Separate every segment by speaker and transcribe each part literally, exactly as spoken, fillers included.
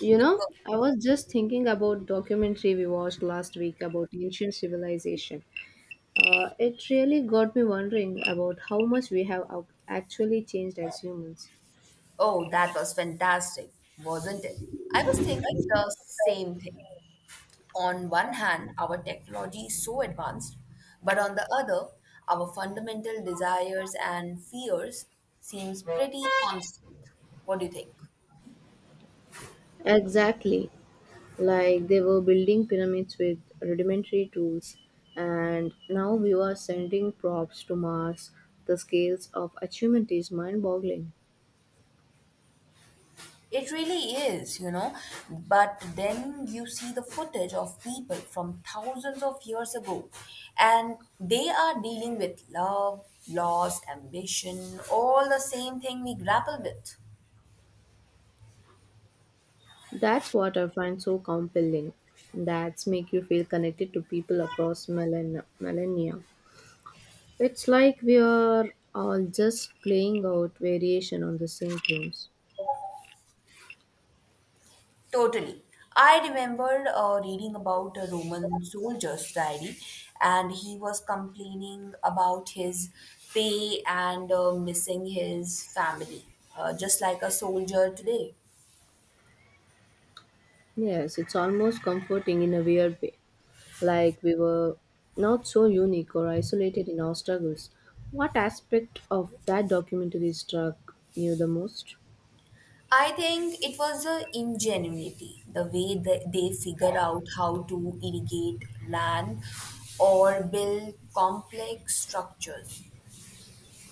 Speaker 1: You know, I was just thinking about documentary we watched last week about ancient civilization. Uh, it really got me wondering about how much we have ac- actually changed as humans.
Speaker 2: Oh, that was fantastic, wasn't it? I was thinking the same thing. On one hand, our technology is so advanced, but on the other, our fundamental desires and fears seems pretty constant. What do you think?
Speaker 1: Exactly. Like they were building pyramids with rudimentary tools, and now we are sending props to Mars. The scales of achievement is mind boggling.
Speaker 2: It really is, you know. But then you see the footage of people from thousands of years ago, and they are dealing with love, loss, ambition, all the same thing we grapple with.
Speaker 1: That's what I find so compelling. That's make you feel connected to people across millen- millennia. It's like we are all just playing out variation on the same themes.
Speaker 2: Totally. I remembered uh, reading about a Roman soldier's diary, and he was complaining about his pay and uh, missing his family, uh, just like a soldier today.
Speaker 1: Yes, it's almost comforting in a weird way. Like we were not so unique or isolated in our struggles. What aspect of that documentary struck you the most?
Speaker 2: I think it was the ingenuity, the way that they figure out how to irrigate land or build complex structures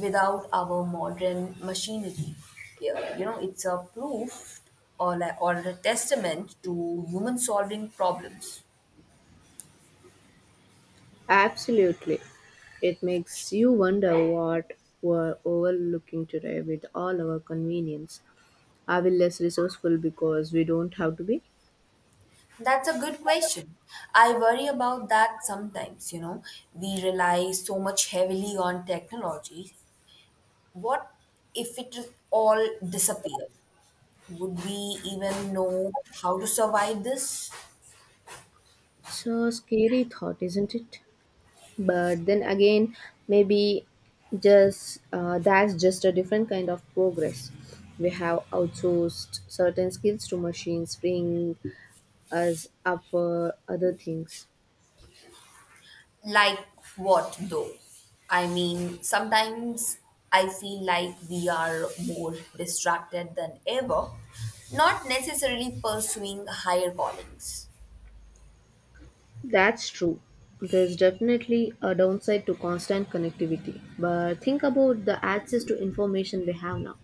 Speaker 2: without our modern machinery. Yeah. You know, it's a proof or a, or a testament to human solving problems.
Speaker 1: Absolutely. It makes you wonder what we're overlooking today with all our convenience. Are we less resourceful because we don't have to be?
Speaker 2: That's a good question. I worry about that sometimes, you know. We rely so much heavily on technology. What if it all disappeared? Would we even know how to survive this?
Speaker 1: So scary thought, isn't it? But then again, maybe just uh, that's just a different kind of progress. We have outsourced certain skills to machines, freeing us up for other things.
Speaker 2: Like what though? I mean, sometimes I feel like we are more distracted than ever, not necessarily pursuing higher callings.
Speaker 1: That's true. There's definitely a downside to constant connectivity. But think about the access to information we have now.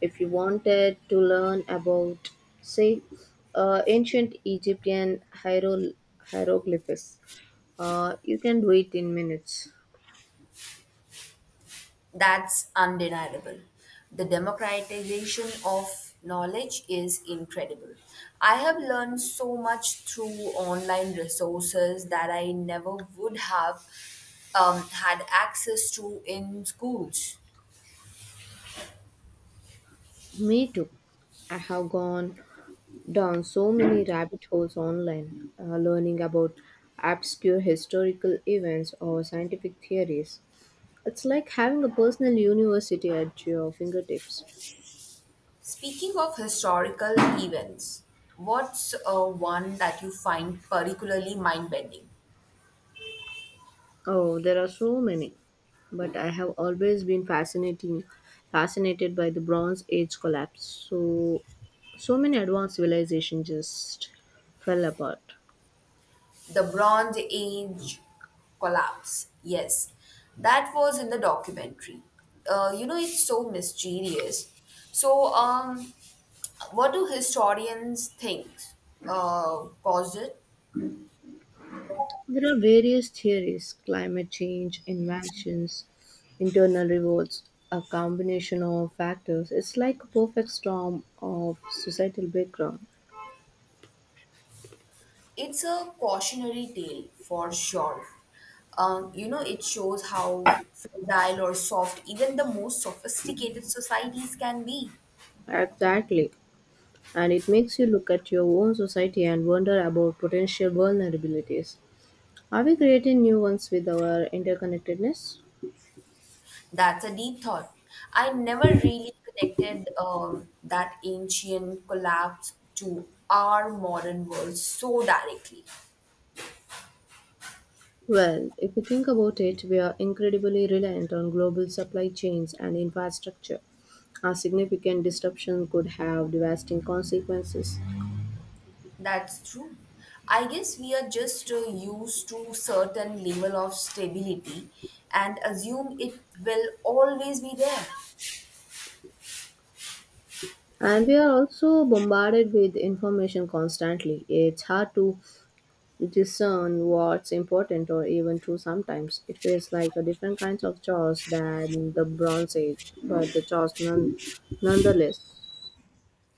Speaker 1: If you wanted to learn about, say, uh, ancient Egyptian hiero- hieroglyphs, uh, you can do it in minutes.
Speaker 2: That's undeniable. The democratization of knowledge is incredible. I have learned so much through online resources that I never would have um, had access to in schools.
Speaker 1: Me too. I have gone down so many rabbit holes online, uh, learning about obscure historical events or scientific theories. It's like having a personal university at your fingertips.
Speaker 2: Speaking of historical events, what's uh, one that you find particularly mind bending?
Speaker 1: Oh, there are so many. But I have always been fascinating fascinated by the Bronze Age collapse. So so many advanced civilizations just fell apart.
Speaker 2: The Bronze Age collapse. Yes, that was in the documentary. Uh, you know, it's so mysterious. So, um, what do historians think uh, caused it?
Speaker 1: There are various theories, climate change, invasions, internal revolts, a combination of factors. It's like a perfect storm of societal background.
Speaker 2: It's a cautionary tale for sure. Um, you know, it shows how fragile or soft even the most sophisticated societies can be.
Speaker 1: Exactly. And it makes you look at your own society and wonder about potential vulnerabilities. Are we creating new ones with our interconnectedness?
Speaker 2: That's a deep thought. I never really connected um, that ancient collapse to our modern world so directly.
Speaker 1: Well, if you think about it, we are incredibly reliant on global supply chains and infrastructure. A significant disruption could have devastating consequences.
Speaker 2: That's true. I guess we are just uh, used to certain level of stability and assume it will always be there.
Speaker 1: And we are also bombarded with information constantly. It's hard to discern what's important or even true sometimes. It feels like a different kind of chores than the Bronze Age, but the chores none, nonetheless.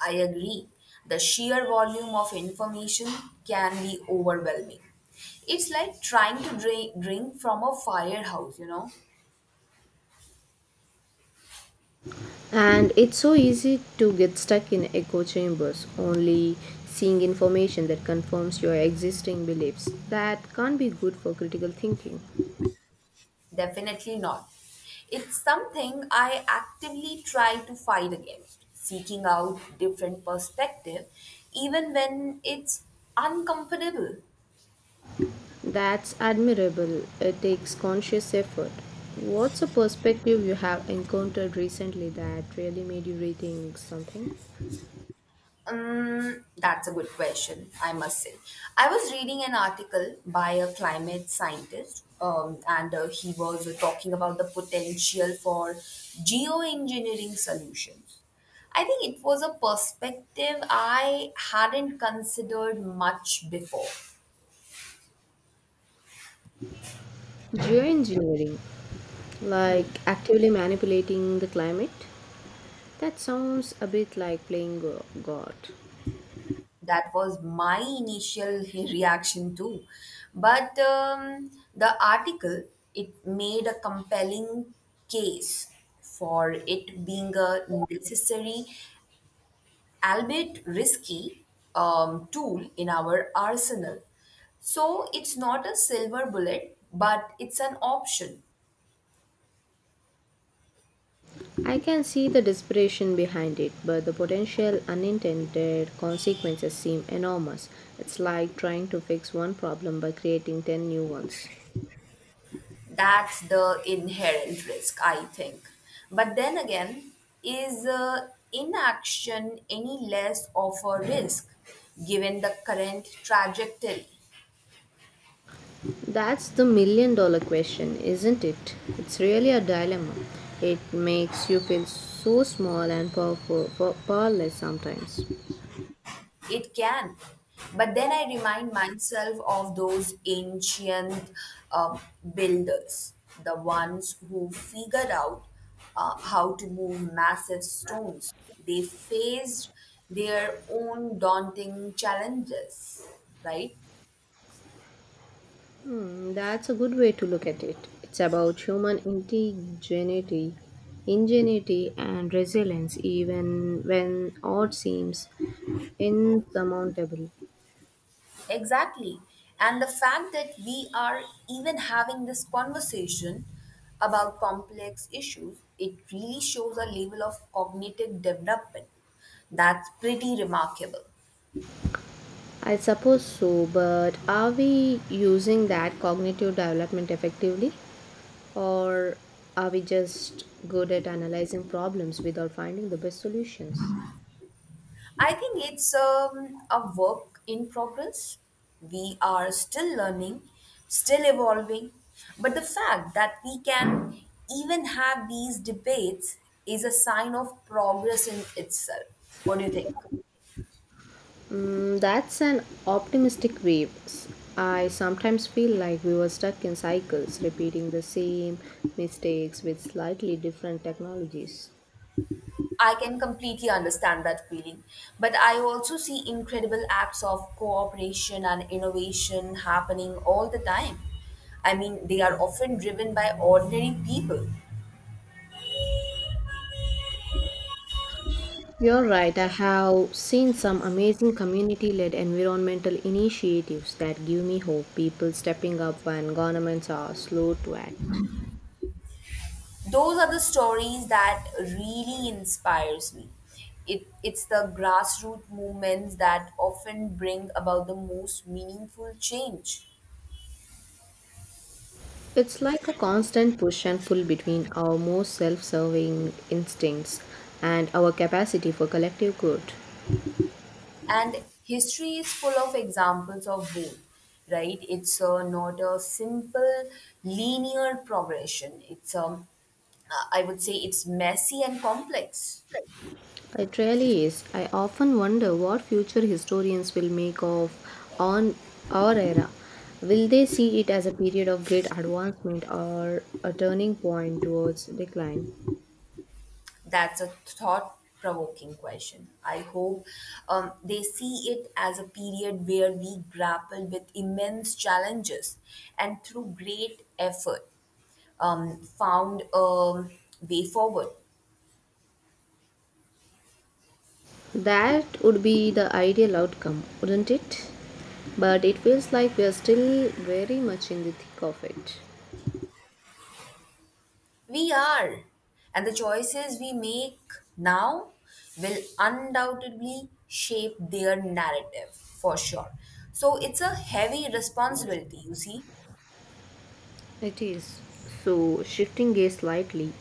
Speaker 2: I agree. The sheer volume of information can be overwhelming. It's like trying to drink, drink from a firehouse, you know.
Speaker 1: And it's so easy to get stuck in echo chambers, only seeing information that confirms your existing beliefs. That can't be good for critical thinking.
Speaker 2: Definitely not. It's something I actively try to fight against, seeking out different perspective, even when it's uncomfortable.
Speaker 1: That's admirable. It takes conscious effort. What's a perspective you have encountered recently that really made you rethink something?
Speaker 2: Um, that's a good question, I must say. I was reading an article by a climate scientist, um, and uh, he was talking about the potential for geoengineering solutions. I think it was a perspective I hadn't considered much before.
Speaker 1: Geoengineering?
Speaker 2: Hmm.
Speaker 1: Like actively manipulating the climate? That sounds a bit like playing go- God.
Speaker 2: That was my initial reaction too, but um, the article, it made a compelling case for it being a necessary, albeit risky, um, tool in our arsenal. So it's not a silver bullet, but it's an option.
Speaker 1: I can see the desperation behind it, but the potential unintended consequences seem enormous. It's like trying to fix one problem by creating ten new ones.
Speaker 2: That's the inherent risk, I think. But then again, is uh, inaction any less of a risk given the current trajectory?
Speaker 1: That's the million dollar question, isn't it? It's really a dilemma. It makes you feel so small and powerful, powerless sometimes.
Speaker 2: It can. But then I remind myself of those ancient um, builders, the ones who figured out uh, how to move massive stones. They faced their own daunting challenges, right?
Speaker 1: Hmm, that's a good way to look at it. It's about human ingenuity, ingenuity and resilience, even when odd seems insurmountable.
Speaker 2: Exactly. And the fact that we are even having this conversation about complex issues, it really shows a level of cognitive development that's pretty remarkable.
Speaker 1: I suppose so, but are we using that cognitive development effectively, or are we just good at analyzing problems without finding the best solutions?
Speaker 2: I think it's um, a work in progress. We are still learning, still evolving, but the fact that we can even have these debates is a sign of progress in itself. What do you think?
Speaker 1: Mm, that's an optimistic wave. I sometimes feel like we were stuck in cycles, repeating the same mistakes with slightly different technologies.
Speaker 2: I can completely understand that feeling. But I also see incredible acts of cooperation and innovation happening all the time. I mean, they are often driven by ordinary people.
Speaker 1: You're right, I have seen some amazing community led environmental initiatives that give me hope. People stepping up when governments are slow to act.
Speaker 2: Those are the stories that really inspires me. It, it's the grassroots movements that often bring about the most meaningful change.
Speaker 1: It's like a constant push and pull between our most self serving instincts and our capacity for collective good.
Speaker 2: And history is full of examples of both, right? It's uh, not a simple linear progression. It's um, uh, I would say it's messy and complex.
Speaker 1: It really is. I often wonder what future historians will make of on our era. Will they see it as a period of great advancement or a turning point towards decline?
Speaker 2: That's a thought provoking question. I hope um, they see it as a period where we grapple with immense challenges and through great effort um, found a way forward.
Speaker 1: That would be the ideal outcome, wouldn't it? But it feels like we are still very much in the thick of it.
Speaker 2: We are. And the choices we make now will undoubtedly shape their narrative for sure. So it's a heavy responsibility, you see.
Speaker 1: It is. So, shifting gear slightly,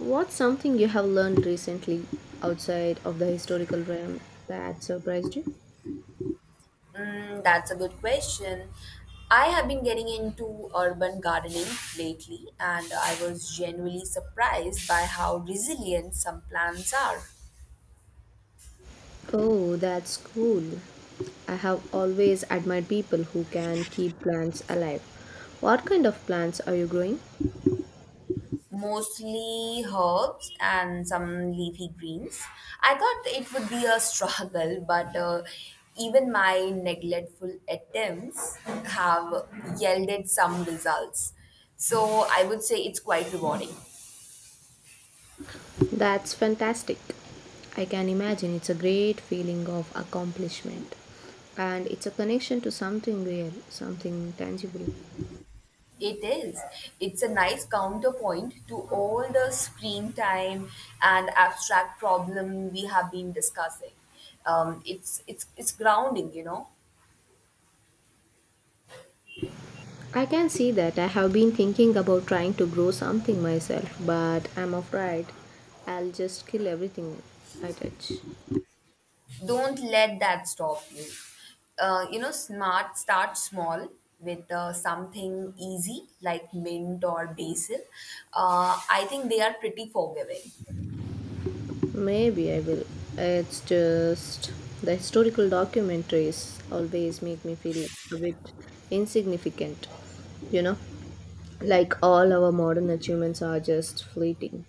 Speaker 1: what's something you have learned recently outside of the historical realm that surprised you?
Speaker 2: Mm, that's a good question. I have been getting into urban gardening lately, and I was genuinely surprised by how resilient some plants are.
Speaker 1: Oh, that's cool. I have always admired people who can keep plants alive. What kind of plants are you growing?
Speaker 2: Mostly herbs and some leafy greens. I thought it would be a struggle, but uh, even my neglectful attempts have yielded some results. So I would say it's quite rewarding.
Speaker 1: That's fantastic. I can imagine it's a great feeling of accomplishment. And it's a connection to something real, something tangible.
Speaker 2: It is. It's a nice counterpoint to all the screen time and abstract problem we have been discussing. Um, it's it's it's grounding, you know.
Speaker 1: I can see that. I have been thinking about trying to grow something myself, but I'm afraid I'll just kill everything I touch.
Speaker 2: Don't let that stop you. Uh, you know, smart start small with uh, something easy like mint or basil. Uh, I think they are pretty forgiving.
Speaker 1: Maybe I will. It's just the historical documentaries always make me feel a bit insignificant, you know? Like all our modern achievements are just fleeting.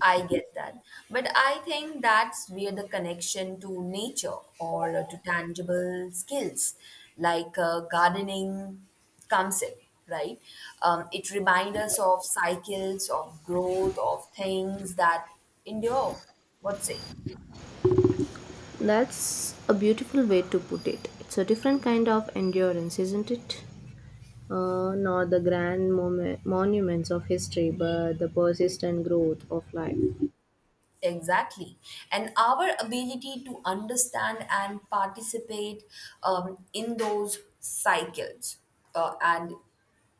Speaker 2: I get that, but I think that's where the connection to nature, or uh, to tangible skills like uh, gardening, comes in. Right, um, it reminds us of cycles of growth, of things that endure. What say?
Speaker 1: That's a beautiful way to put it. It's a different kind of endurance, isn't it? Uh, not the grand moment, monuments of history, but the persistent growth of life.
Speaker 2: Exactly. And our ability to understand and participate um, in those cycles. Uh, and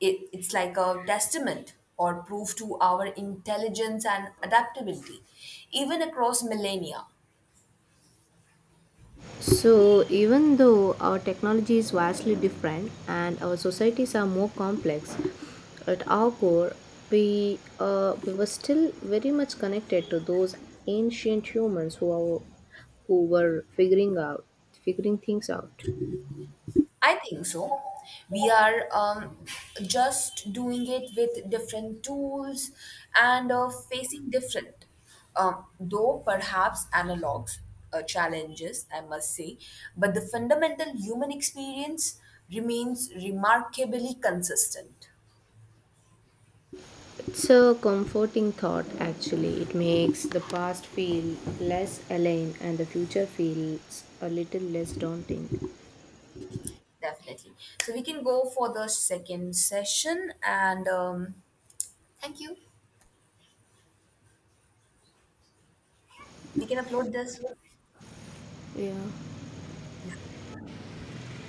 Speaker 2: it, it's like a testament or proof to our intelligence and adaptability, even across millennia.
Speaker 1: So, even though our technology is vastly different and our societies are more complex, at our core, we, uh, we were still very much connected to those ancient humans who, are, who were figuring out figuring things out.
Speaker 2: I think so. We are um, just doing it with different tools and uh, facing different, um, though perhaps analogs, uh, challenges, I must say. But the fundamental human experience remains remarkably consistent.
Speaker 1: It's a comforting thought actually. It makes the past feel less alien and the future feels a little less daunting.
Speaker 2: Definitely. So we can go for the second session and um, thank you. We can upload this.
Speaker 1: Yeah.
Speaker 2: Yeah.